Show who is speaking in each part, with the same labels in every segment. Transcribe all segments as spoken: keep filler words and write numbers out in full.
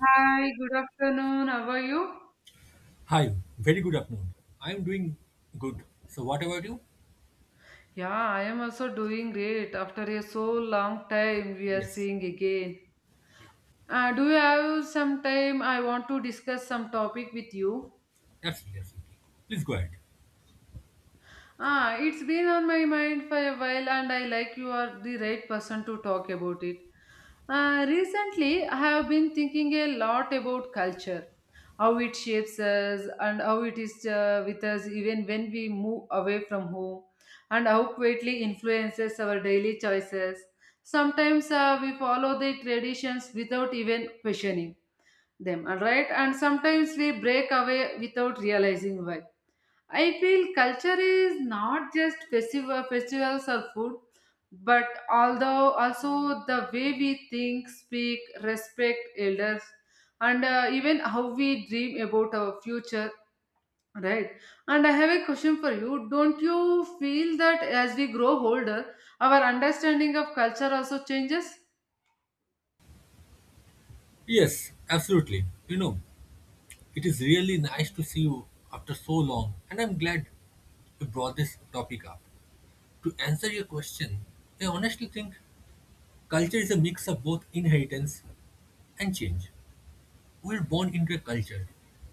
Speaker 1: Hi, good afternoon. How are you?
Speaker 2: Hi, very good afternoon. I'm doing good. So, what about you?
Speaker 1: Yeah, I am also doing great. After a so long time, we are
Speaker 2: Yes,
Speaker 1: seeing again.
Speaker 2: yeah,
Speaker 1: Uh, do you have some time? I want to discuss some topic with you.
Speaker 2: absolutely, absolutely. Please go ahead.
Speaker 1: Ah, it's been on my mind for a while, and I like you are the right person to talk about it. Uh, recently, I have been thinking a lot about culture, how it shapes us, and how it is uh, with us even when we move away from home, and how greatly influences our daily choices. Sometimes uh, we follow the traditions without even questioning them, all right? And sometimes we break away without realizing why I feel culture is not just festival, festivals or food, but although also the way we think, speak, respect elders, and uh, even how we dream about our future, right? And I have a question for you. Don't you feel that as we grow older, our understanding of culture also changes?
Speaker 2: Yes, absolutely. You know, it is really nice to see you after so long, and I'm glad you brought this topic up. To answer your question, I honestly think culture is a mix of both inheritance and change. We're born into a culture,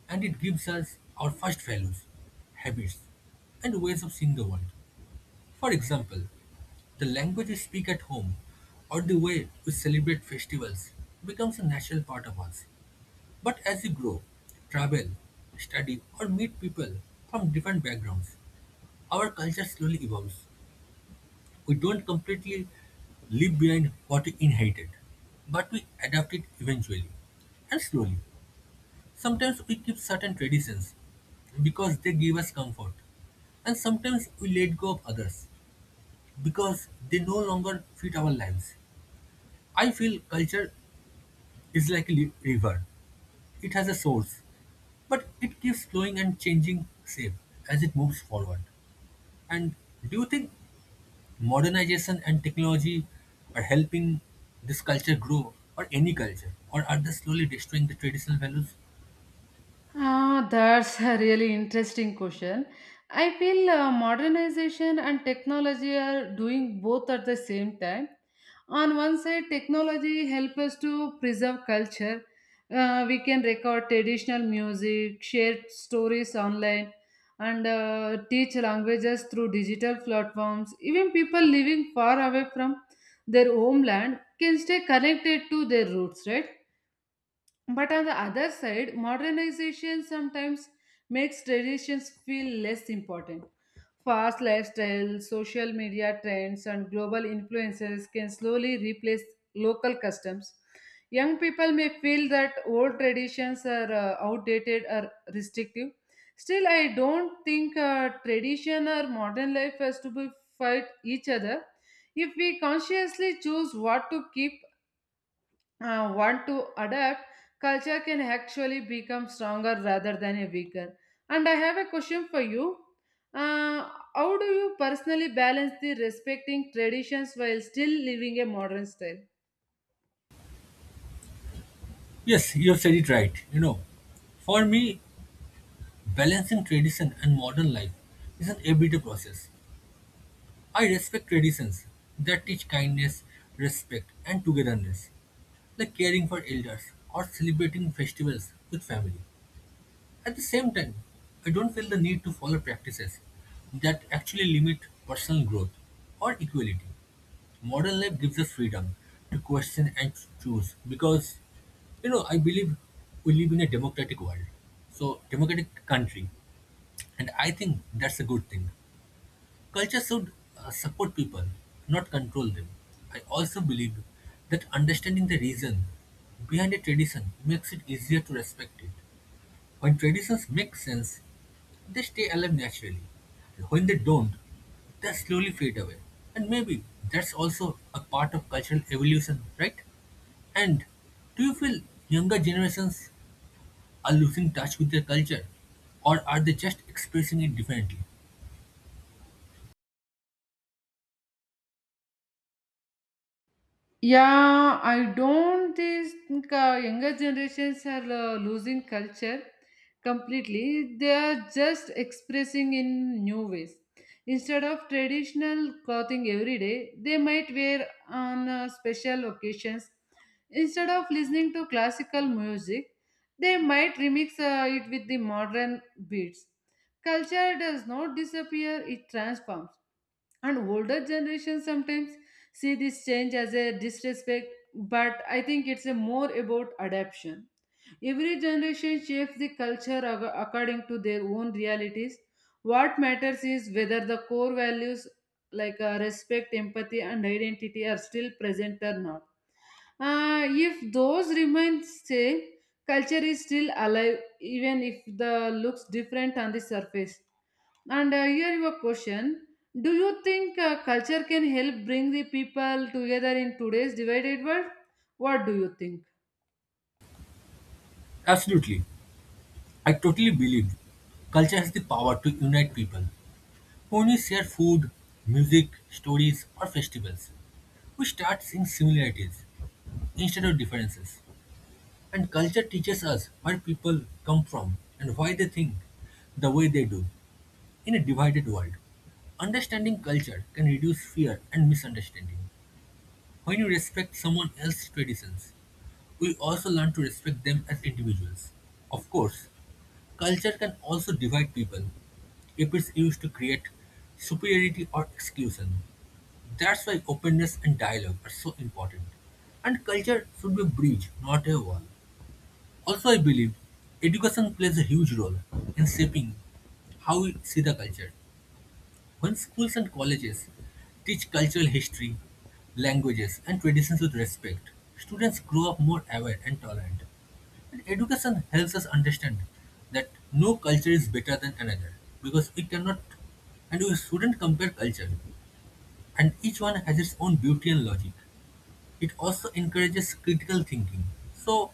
Speaker 2: and it gives us our first values, habits, and ways of seeing the world. For example, the language we speak at home or the way we celebrate festivals becomes a natural part of us. But as we grow, travel, study, or meet people from different backgrounds, our culture slowly evolves. We don't completely leave behind what we inherited, but we adapt it eventually and slowly. Sometimes we keep certain traditions because they give us comfort, and sometimes we let go of others because they no longer fit our lives. I feel culture is like a li- river. It has a source, but it keeps flowing and changing shape as it moves forward. And do you think modernization and technology are helping this culture grow or any culture? Or are they slowly destroying the traditional values?
Speaker 1: Ah, that's a really interesting question. I feel uh, modernization and technology are doing both at the same time. On one side, technology helps us to preserve culture. Uh, we can record traditional music, share stories online, and uh, teach languages through digital platforms. Even people living far away from their homeland can stay connected to their roots, right? But on the other side, modernization sometimes makes traditions feel less important. Fast lifestyles, social media trends, and global influences can slowly replace local customs. Young people may feel that old traditions are uh, outdated or restrictive. Still, I don't think uh, tradition or modern life has to be fight each other. If we consciously choose what to keep, uh, want to adapt, culture can actually become stronger rather than a weaker. And I have a question for you. Uh, how do you personally balance the respecting traditions while still living a modern style?
Speaker 2: Yes, you have said it right. You know, for me, balancing tradition and modern life is an everyday process. I respect traditions that teach kindness, respect, and togetherness, like caring for elders or celebrating festivals with family. At the same time, I don't feel the need to follow practices that actually limit personal growth or equality. Modern life gives us freedom to question and choose because, you know, I believe we live in a democratic world, so democratic country, and I think that's a good thing. Culture should uh, support people, not control them. I also believe that understanding the reason behind a tradition makes it easier to respect it. When traditions make sense, they stay alive naturally. When they don't, they slowly fade away. And maybe that's also a part of cultural evolution, right? And do you feel younger generations are losing touch with their culture or are they just expressing it differently?
Speaker 1: Yeah, I don't this- think uh, younger generations are uh, losing culture completely. They are just expressing in new ways. Instead of traditional clothing every day, they might wear on uh, special occasions. Instead of listening to classical music, they might remix uh, it with the modern beats. Culture does not disappear, it transforms and older generations sometimes see this change as a disrespect, but I think it's a more about adaptation. Every generation shapes the culture ac- according to their own realities. What matters is whether the core values like uh, respect, empathy, and identity are still present or not. Uh, if those remain same, culture is still alive even if the looks different on the surface. And uh, here your question: do you think uh, culture can help bring the people together in today's divided world? What do you think?
Speaker 2: Absolutely. I totally believe culture has the power to unite people. When we share food, music, stories, or festivals, we start seeing similarities instead of differences. And culture teaches us where people come from and why they think the way they do in a divided world. Understanding culture can reduce fear and misunderstanding. When you respect someone else's traditions, we also learn to respect them as individuals. Of course, culture can also divide people if it's used to create superiority or exclusion. That's why openness and dialogue are so important. And culture should be a bridge, not a wall. Also, I believe education plays a huge role in shaping how we see the culture. When schools and colleges teach cultural history, languages, and traditions with respect, students grow up more aware and tolerant. And education helps us understand that no culture is better than another because we cannot and we shouldn't compare culture, and each one has its own beauty and logic. It also encourages critical thinking. So,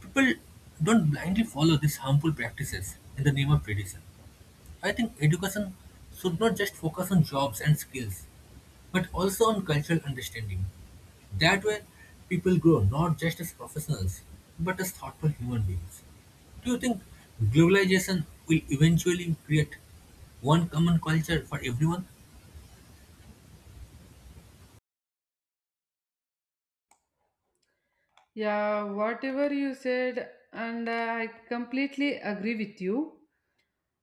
Speaker 2: people don't blindly follow these harmful practices in the name of tradition. I think education should not just focus on jobs and skills, but also on cultural understanding. That way, people grow not just as professionals, but as thoughtful human beings. Do you think globalization will eventually create one common culture for everyone?
Speaker 1: Yeah, whatever you said, and uh, I completely agree with you.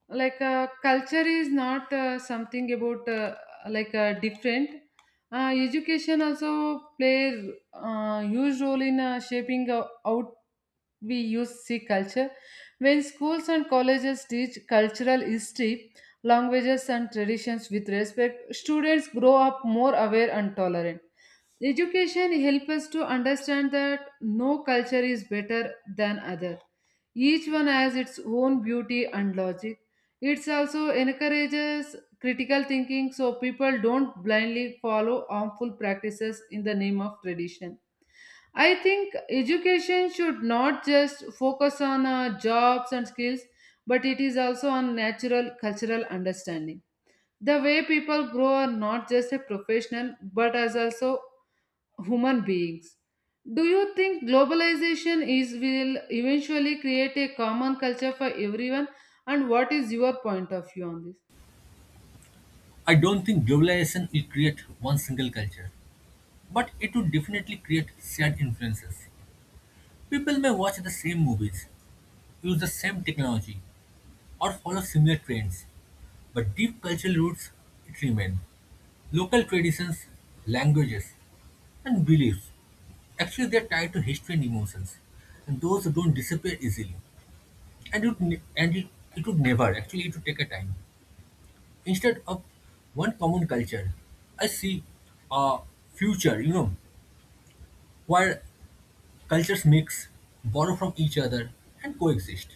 Speaker 1: Like, uh, culture is not uh, something about uh, like uh, different. Uh, education also plays a huge role in uh, shaping uh, out we use C culture. When schools and colleges teach cultural history, languages, and traditions with respect, students grow up more aware and tolerant. Education helps us to understand that no culture is better than other. Each one has its own beauty and logic. It also encourages critical thinking so people don't blindly follow harmful practices in the name of tradition. I think education should not just focus on uh, jobs and skills, but it is also on natural cultural understanding. The way people grow are not just a professional, but as also human beings. Do you think globalization is will eventually create a common culture for everyone? And what is your point of view on this?
Speaker 2: I don't think globalization will create one single culture, but it would definitely create shared influences. People may watch the same movies, use the same technology, or follow similar trends, but deep cultural roots it remain. Local traditions, languages, and beliefs. Actually, they're tied to history and emotions, and those don't disappear easily. And it would ne- and it, it would never. Actually, it would take a time. Instead of one common culture, I see a future. You know, where cultures mix, borrow from each other, and coexist.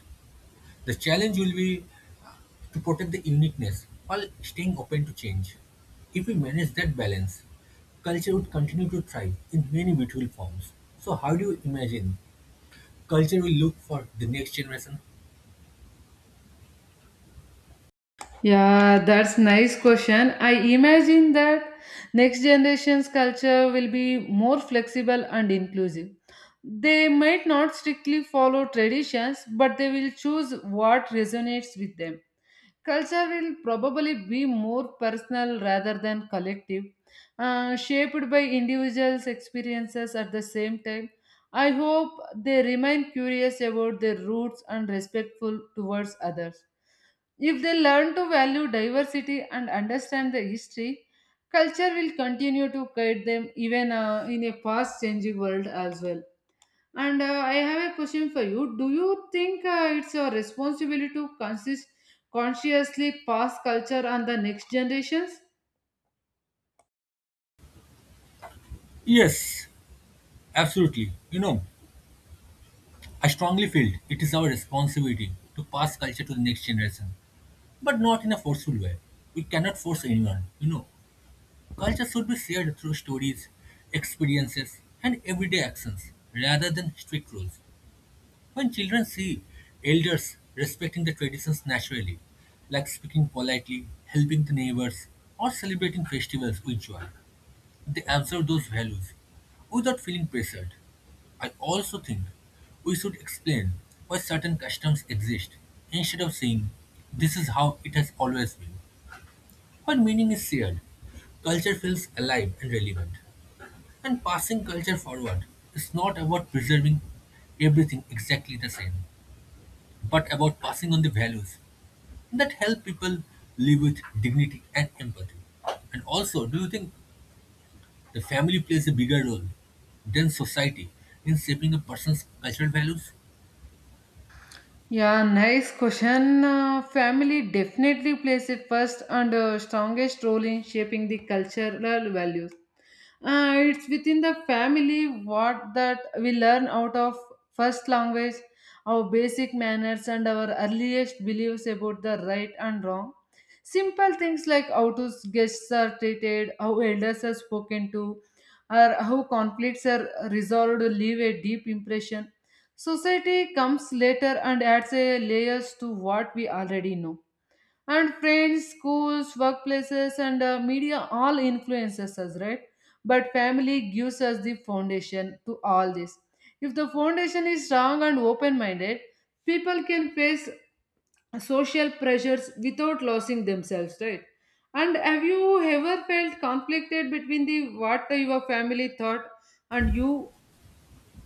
Speaker 2: The challenge will be to protect the uniqueness while staying open to change. If we manage that balance, culture would continue to thrive in many beautiful forms. So, how do you imagine culture will look for the next generation?
Speaker 1: Yeah, that's nice question. I imagine that next generation's culture will be more flexible and inclusive. They might not strictly follow traditions, but they will choose what resonates with them. Culture will probably be more personal rather than collective, uh, shaped by individuals' experiences at the same time. I hope they remain curious about their roots and respectful towards others. If they learn to value diversity and understand the history, culture will continue to guide them even uh, in a fast changing world as well. And uh, I have a question for you. Do you think uh, it's your responsibility to consist consciously pass culture on the next generations?
Speaker 2: Yes, absolutely. You know, I strongly feel it is our responsibility to pass culture to the next generation, but not in a forceful way. We cannot force anyone. You know, culture should be shared through stories, experiences, and everyday actions rather than strict rules. When children see elders respecting the traditions naturally, like speaking politely, helping the neighbors, or celebrating festivals with joy, they absorb those values without feeling pressured. I also think we should explain why certain customs exist instead of saying this is how it has always been. When meaning is shared, culture feels alive and relevant. And passing culture forward is not about preserving everything exactly the same but about passing on the values that help people live with dignity and empathy. And also, do you think the family plays a bigger role than society in shaping a person's cultural values?
Speaker 1: Yeah, nice question. Uh, family definitely plays a first and uh, strongest role in shaping the cultural values. Uh, it's within the family what that we learn out of first language, our basic manners, and our earliest beliefs about the right and wrong. Simple things like how to guests are treated, how elders are spoken to, or how conflicts are resolved leave a deep impression. Society comes later and adds a layers to what we already know, and friends, schools, workplaces, and uh, media all influences us, right? But family gives us the foundation to all this. If the foundation is strong and open minded, people can face social pressures without losing themselves, right? And have you ever felt conflicted between the what your family thought and you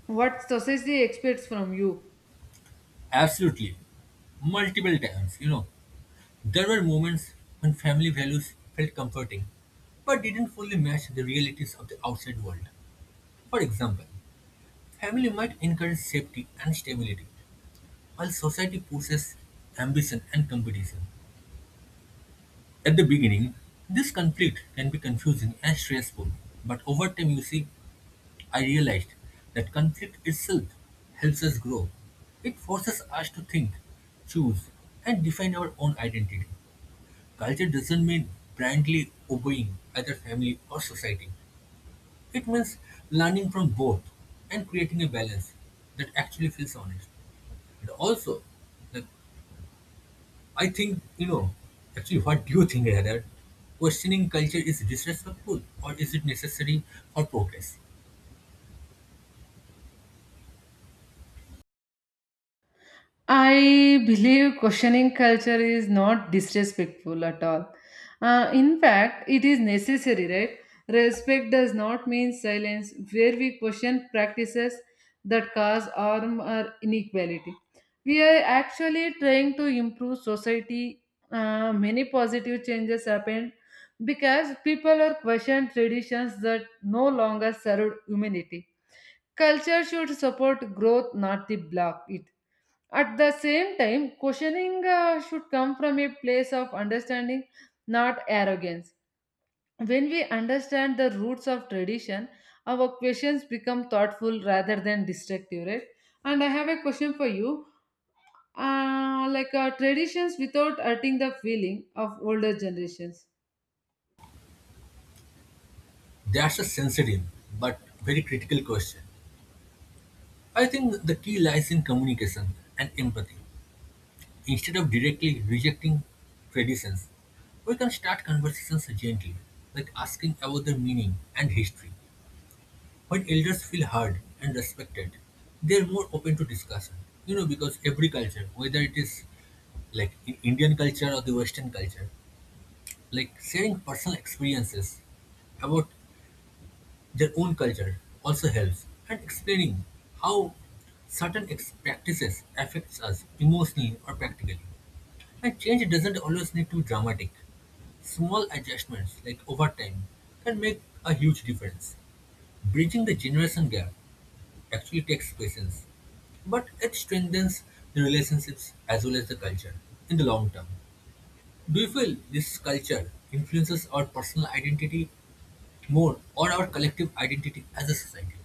Speaker 1: what society expects from you?
Speaker 2: Absolutely. Multiple times, you know, there were moments when family values felt comforting but didn't fully match the realities of the outside world. For example, family might encourage safety and stability, while society pushes ambition and competition. At the beginning, this conflict can be confusing and stressful, but over time, you see, I realized that conflict itself helps us grow. It forces us to think, choose, and define our own identity. Culture doesn't mean blindly obeying either family or society, it means learning from both and creating a balance that actually feels honest. And also, the I think, you know, actually, what do you think rather? Questioning culture is disrespectful or is it necessary for progress?
Speaker 1: I believe questioning culture is not disrespectful at all. Uh, in fact, it is necessary, right? Respect does not mean silence, where we question practices that cause harm or inequality. We are actually trying to improve society. Uh, many positive changes happened because people are questioned traditions that no longer serve humanity. Culture should support growth, not the block it. At the same time, questioning uh, should come from a place of understanding, not arrogance. When we understand the roots of tradition, our questions become thoughtful rather than destructive, right? And I have a question for you. Uh, like uh, traditions without hurting the feeling of older generations.
Speaker 2: That's a sensitive but very critical question. I think the key lies in communication and empathy. Instead of directly rejecting traditions, we can start conversations gently, like asking about their meaning and history. When elders feel heard and respected, they're more open to discussion. You know, because every culture, whether it is like in Indian culture or the Western culture, like sharing personal experiences about their own culture also helps and explaining how certain ex- practices affects us emotionally or practically. And change doesn't always need to be dramatic. Small adjustments like over time can make a huge difference. Bridging the generation gap actually takes patience, but it strengthens the relationships as well as the culture in the long term. Do you feel this culture influences our personal identity more or our collective identity as a society?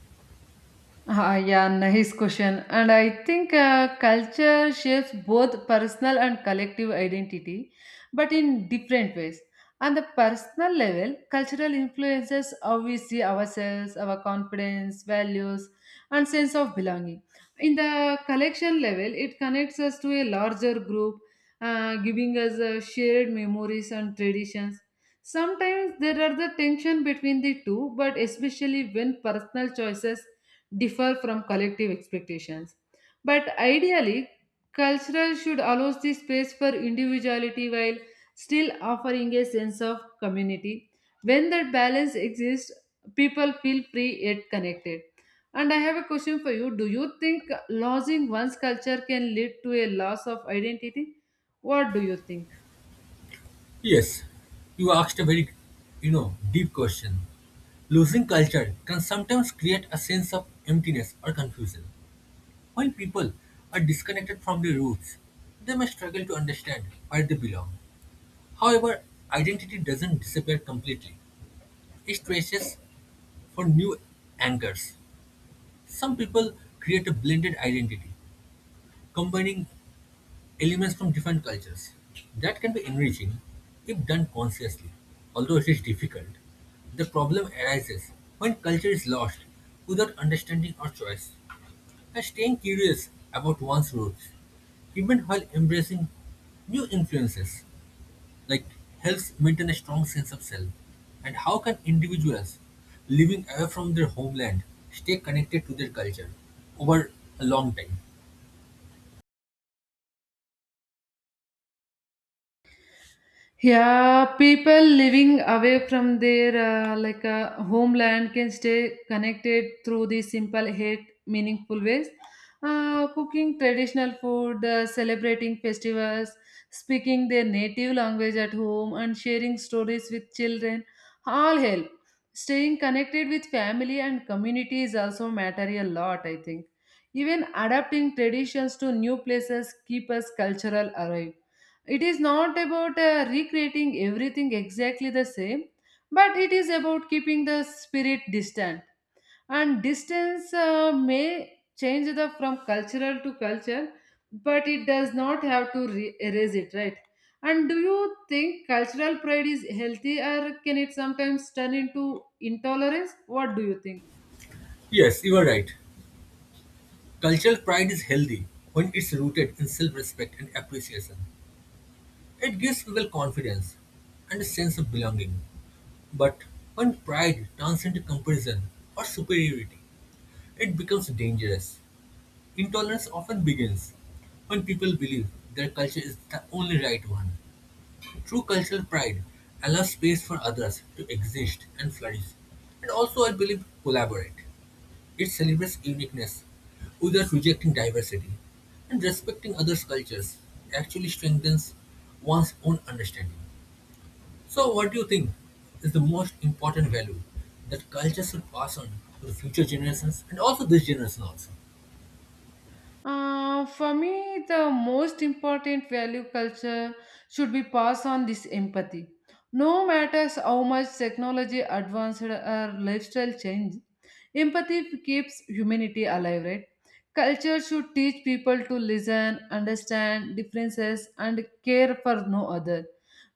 Speaker 1: Ah, yeah, nice question. And I think uh, culture shapes both personal and collective identity, but in different ways. On the personal level, cultural influences how we see ourselves, our confidence, values, and sense of belonging. In the collection level, it connects us to a larger group, uh, giving us uh, shared memories and traditions. Sometimes there are the tension between the two, but especially when personal choices differ from collective expectations. But ideally, cultural should allow the space for individuality while still offering a sense of community. When that balance exists, people feel free yet connected. And I have a question for you. Do you think losing one's culture can lead to a loss of identity? What do you think?
Speaker 2: Yes, you asked a very, you know, deep question. Losing culture can sometimes create a sense of emptiness or confusion. When people are disconnected from their roots, they may struggle to understand where they belong. However, identity doesn't disappear completely. Stretches for new anchors. Some people create a blended identity, combining elements from different cultures. That can be enriching if done consciously, although it is difficult. The problem arises when culture is lost without understanding or choice, and staying curious about one's roots, even while embracing new influences, like helps maintain a strong sense of self? And how can individuals living away from their homeland stay connected to their culture over a long time?
Speaker 1: Yeah, people living away from their uh, like uh, homeland can stay connected through these simple yet meaningful ways. Uh, cooking traditional food, uh, celebrating festivals, speaking their native language at home, and sharing stories with children all help. Staying connected with family and community is also matter a lot, I think. Even adapting traditions to new places keep us cultural alive. It is not about uh, recreating everything exactly the same, but it is about keeping the spirit distant. And distance uh, may change the from cultural to culture, but it does not have to re- erase it, right? And do you think cultural pride is healthy, or can it sometimes turn into intolerance? What do you think?
Speaker 2: Yes, you are right. Cultural pride is healthy when it's rooted in self respect and appreciation. It gives people confidence and a sense of belonging. But when pride turns into comparison or superiority, it becomes dangerous. Intolerance often begins when people believe their culture is the only right one. True cultural pride allows space for others to exist and flourish, and also, I believe, collaborate. It celebrates uniqueness without rejecting diversity, and respecting others' cultures actually strengthens one's own understanding. So, what do you think is the most important value that culture should pass on to the future generations and also this generation also?
Speaker 1: Uh, for me, the most important value culture should be passed on this empathy. No matters how much technology advanced or lifestyle change, empathy keeps humanity alive, right? Culture should teach people to listen, understand differences, and care for no other.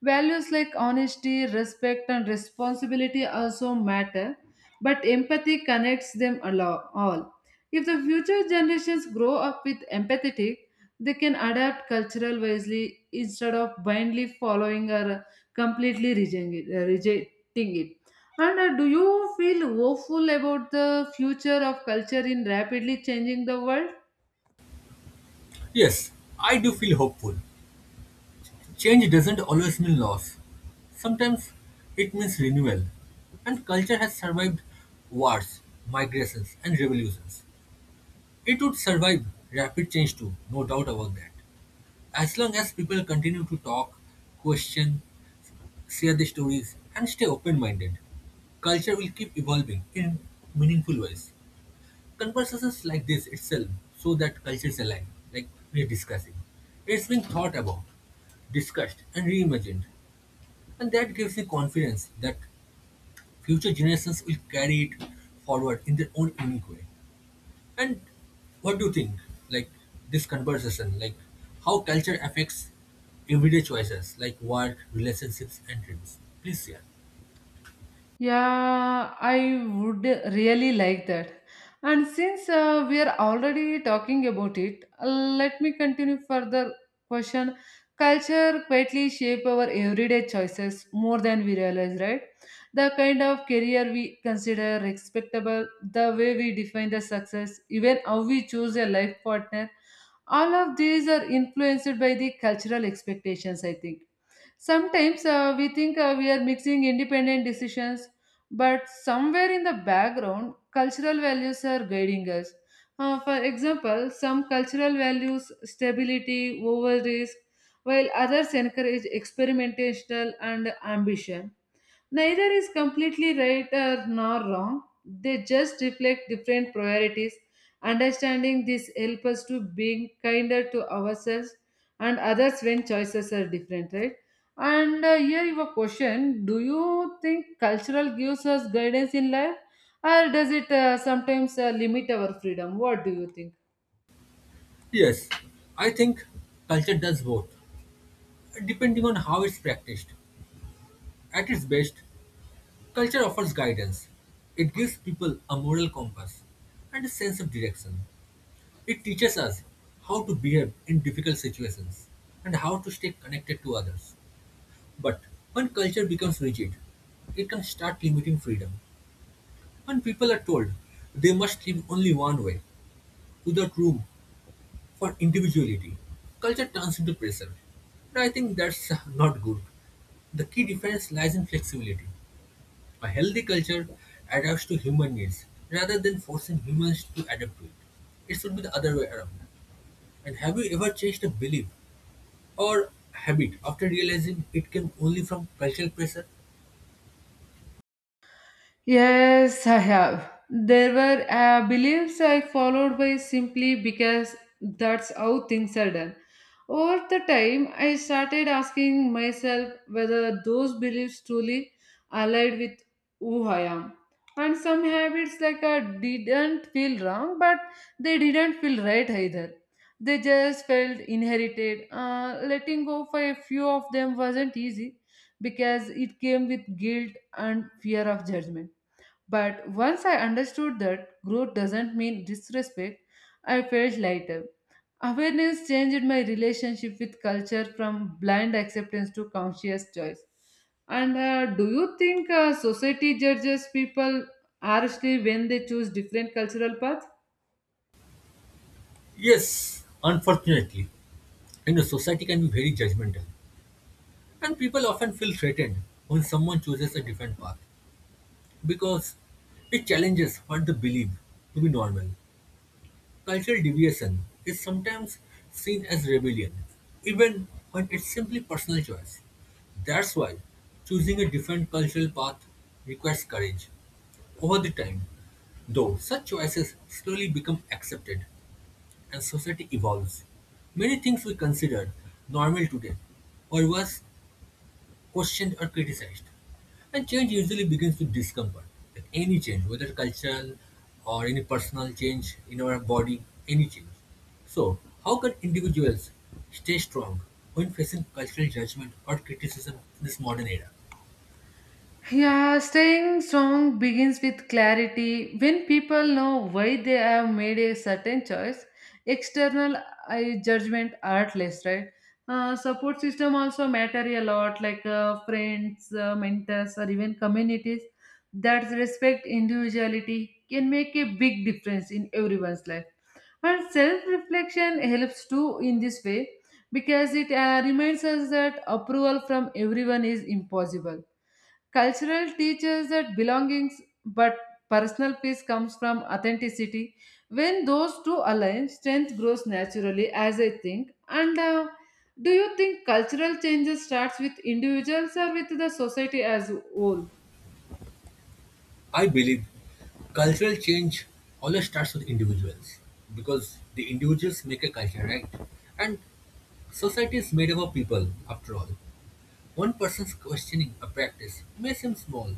Speaker 1: Values like honesty, respect, and responsibility also matter, but empathy connects them a lo- all. If the future generations grow up with empathetic, they can adapt cultural wisely instead of blindly following or completely rejecting it. uh, Rejecting it. And uh, do you feel hopeful about the future of culture in rapidly changing the world?
Speaker 2: Yes, I do feel hopeful. Change doesn't always mean loss. Sometimes it means renewal. And culture has survived wars, migrations, and revolutions. It would survive rapid change too, no doubt about that. As long as people continue to talk, question, share their stories, and stay open minded, culture will keep evolving in meaningful ways. Conversations like this itself show that culture is alive, like we're discussing. It's being thought about, discussed, and reimagined. And that gives me confidence that future generations will carry it forward in their own unique way. And what do you think? Like this conversation, like how culture affects everyday choices like work, relationships, and dreams. Please share.
Speaker 1: Yeah, I would really like that. And since uh, we are already talking about it, uh, let me continue further question. Culture quietly shape our everyday choices more than we realize, right? The kind of career we consider respectable, the way we define the success, even how we choose a life partner, all of these are influenced by the cultural expectations, I think. Sometimes uh, we think uh, we are mixing independent decisions, but somewhere in the background, cultural values are guiding us. Uh, for example, some cultural values stability over risk, while others encourage experimentation and ambition. Neither is completely right or nor wrong. They just reflect different priorities. Understanding this helps us to being kinder to ourselves and others when choices are different, right? And uh, here you have a question: do you think cultural gives us guidance in life, or does it uh, sometimes uh, limit our freedom? What do you think?
Speaker 2: Yes, I think culture does both, depending on how it's practiced. At its best, culture offers guidance. It gives people a moral compass and a sense of direction. It teaches us how to behave in difficult situations and how to stay connected to others. But when culture becomes rigid, it can start limiting freedom. When people are told they must live only one way without room for individuality, culture turns into pressure. And I think that's uh, not good. The key difference lies in flexibility. A healthy culture adapts to human needs rather than forcing humans to adapt to it. It should be the other way around. And have you ever changed a belief or habit after realizing it came only from cultural pressure?
Speaker 1: Yes, I have. There were uh, beliefs I followed by simply because that's how things are done. Over the time, I started asking myself whether those beliefs truly aligned with who I am. And some habits like I didn't feel wrong, but they didn't feel right either. They just felt inherited. Uh, letting go for a few of them wasn't easy because it came with guilt and fear of judgment, but once I understood that growth doesn't mean disrespect, I felt lighter. Awareness changed my relationship with culture from blind acceptance to conscious choice. And uh, do you think uh, society judges people harshly when they choose different cultural paths?
Speaker 2: Yes, unfortunately, you know, society can be very judgmental, and people often feel threatened when someone chooses a different path because it challenges what they believe to be normal. Cultural deviation is sometimes seen as rebellion, even when it's simply personal choice. That's why choosing a different cultural path requires courage. Over the time, though, such choices slowly become accepted and society evolves. Many things we consider normal today or worse questioned or criticized. And change usually begins with discomfort. Like any change, whether cultural or any personal change in our body, any change. So, how can individuals stay strong when facing cultural judgment or criticism in this modern era?
Speaker 1: Yeah, staying strong begins with clarity. When people know why they have made a certain choice, external uh, judgment are less, right? Uh, support system also matter a lot, like uh, friends, uh, mentors, or even communities that respect individuality can make a big difference in everyone's life. And self-reflection helps too in this way because it uh, reminds us that approval from everyone is impossible. Cultural teaches that belongings, but personal peace comes from authenticity. When those two align, strength grows naturally, as I think. And uh, do you think cultural changes starts with individuals or with the society as whole?
Speaker 2: I believe cultural change always starts with individuals because the individuals make a culture, right? And society is made up of people, after all. One person's questioning a practice may seem small,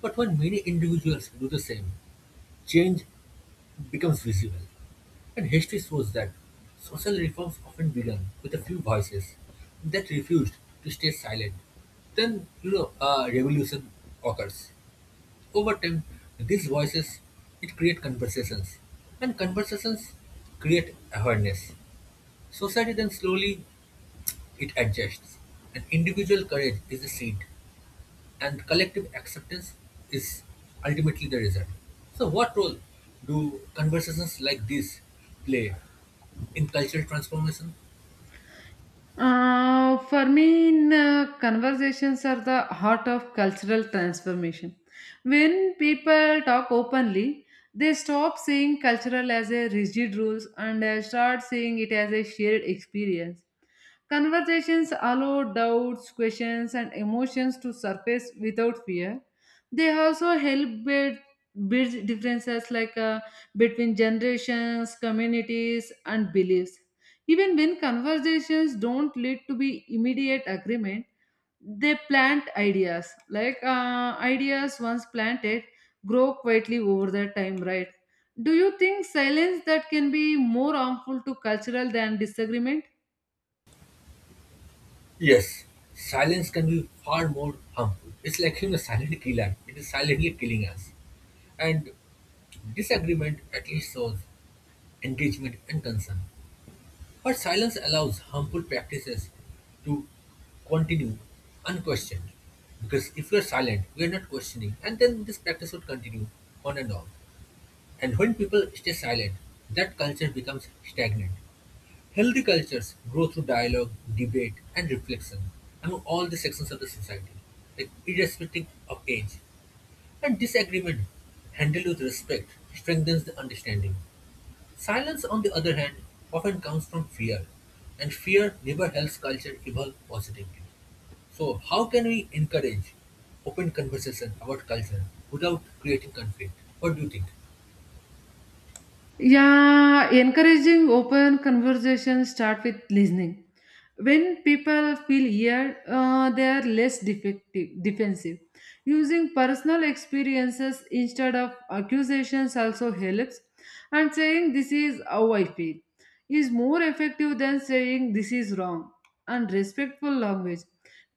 Speaker 2: but when many individuals do the same, change becomes visible. And history shows that social reforms often began with a few voices that refused to stay silent. Then, you know, a revolution occurs. Over time, these voices it create conversations, and conversations create awareness. Society then slowly it adjusts, and individual courage is the seed and collective acceptance is ultimately the result. So, what role do conversations like these play in cultural transformation?
Speaker 1: Uh, for me, in, uh, conversations are the heart of cultural transformation. When people talk openly, they stop seeing cultural as a rigid rules and uh, start seeing it as a shared experience. Conversations allow doubts, questions, and emotions to surface without fear. They also help build, build differences like uh, between generations, communities, and beliefs. Even when conversations don't lead to be immediate agreement, they plant ideas. Like uh, ideas once planted grow quietly over the time, right? Do you think silence that can be more harmful to cultural than disagreement?
Speaker 2: Yes, silence can be far more harmful. It's like having a silent killer, it is silently killing us. And disagreement at least shows engagement and concern. But silence allows harmful practices to continue unquestioned. Because if we are silent, we are not questioning, and then this practice would continue on and on. And when people stay silent, that culture becomes stagnant. Healthy cultures grow through dialogue, debate, and reflection among all the sections of the society, like irrespective of age. And disagreement, handled with respect, strengthens the understanding. Silence, on the other hand, often comes from fear, and fear never helps culture evolve positively. So, how can we encourage open conversation about culture without creating conflict? What do you think?
Speaker 1: Yeah, encouraging open conversation start with listening. When people feel heard, uh, they are less defective, defensive. Using personal experiences instead of accusations also helps, and saying "this is how I feel" is more effective than saying "this is wrong." And respectful language,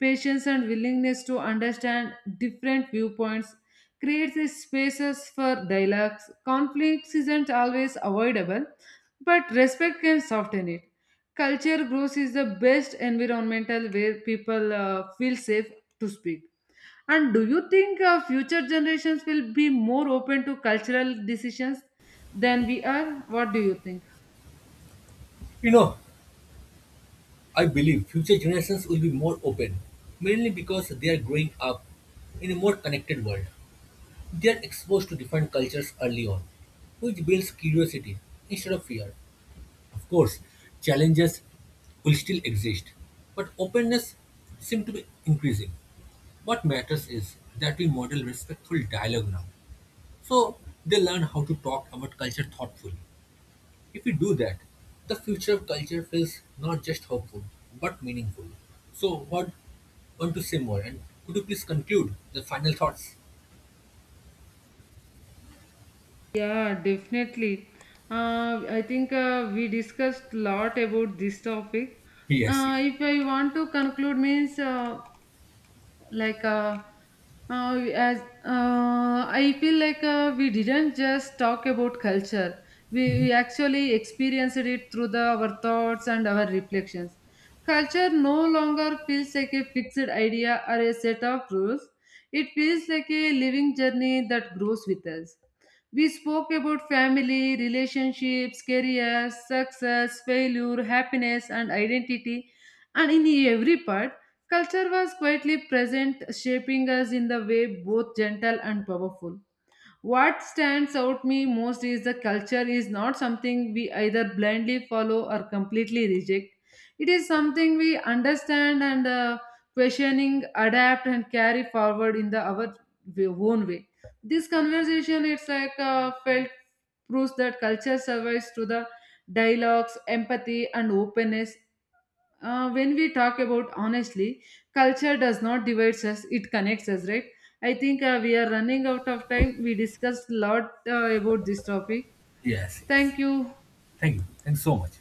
Speaker 1: patience, and willingness to understand different viewpoints creates these spaces for dialogues. Conflicts isn't always avoidable, but respect can soften it. Culture growth is the best environmental where people uh, feel safe to speak. And do you think uh, future generations will be more open to cultural decisions than we are? What do you think?
Speaker 2: You know, I believe future generations will be more open, mainly because they are growing up in a more connected world. They are exposed to different cultures early on, which builds curiosity instead of fear. Of course, challenges will still exist, but openness seems to be increasing. What matters is that we model respectful dialogue now, so they learn how to talk about culture thoughtfully. If we do that, the future of culture feels not just hopeful but meaningful. So, what want to say more? And could you please conclude the final thoughts?
Speaker 1: Yeah, definitely. Uh, I think uh, we discussed a lot about this topic.
Speaker 2: Yes, yes.
Speaker 1: Uh, if I want to conclude, means uh, like uh, uh, as uh, I feel like uh, we didn't just talk about culture. We,
Speaker 2: Mhm.
Speaker 1: we actually experienced it through the our thoughts and our reflections. Culture no longer feels like a fixed idea or a set of rules. It feels like a living journey that grows with us. We spoke about family, relationships, careers, success, failure, happiness, and identity. And in every part, culture was quietly present, shaping us in the way both gentle and powerful. What stands out me most is the culture is not something we either blindly follow or completely reject. It is something we understand and uh, questioning, adapt, and carry forward in the our way- own way. This conversation, it's like uh, felt proves that culture survives through the dialogues, empathy, and openness uh, when we talk about honestly. Culture does not divide us, it connects us, right? I think uh, we are running out of time. We discussed a lot uh, about this topic.
Speaker 2: Yes, yes.
Speaker 1: Thank you.
Speaker 2: Thank you. Thanks so much.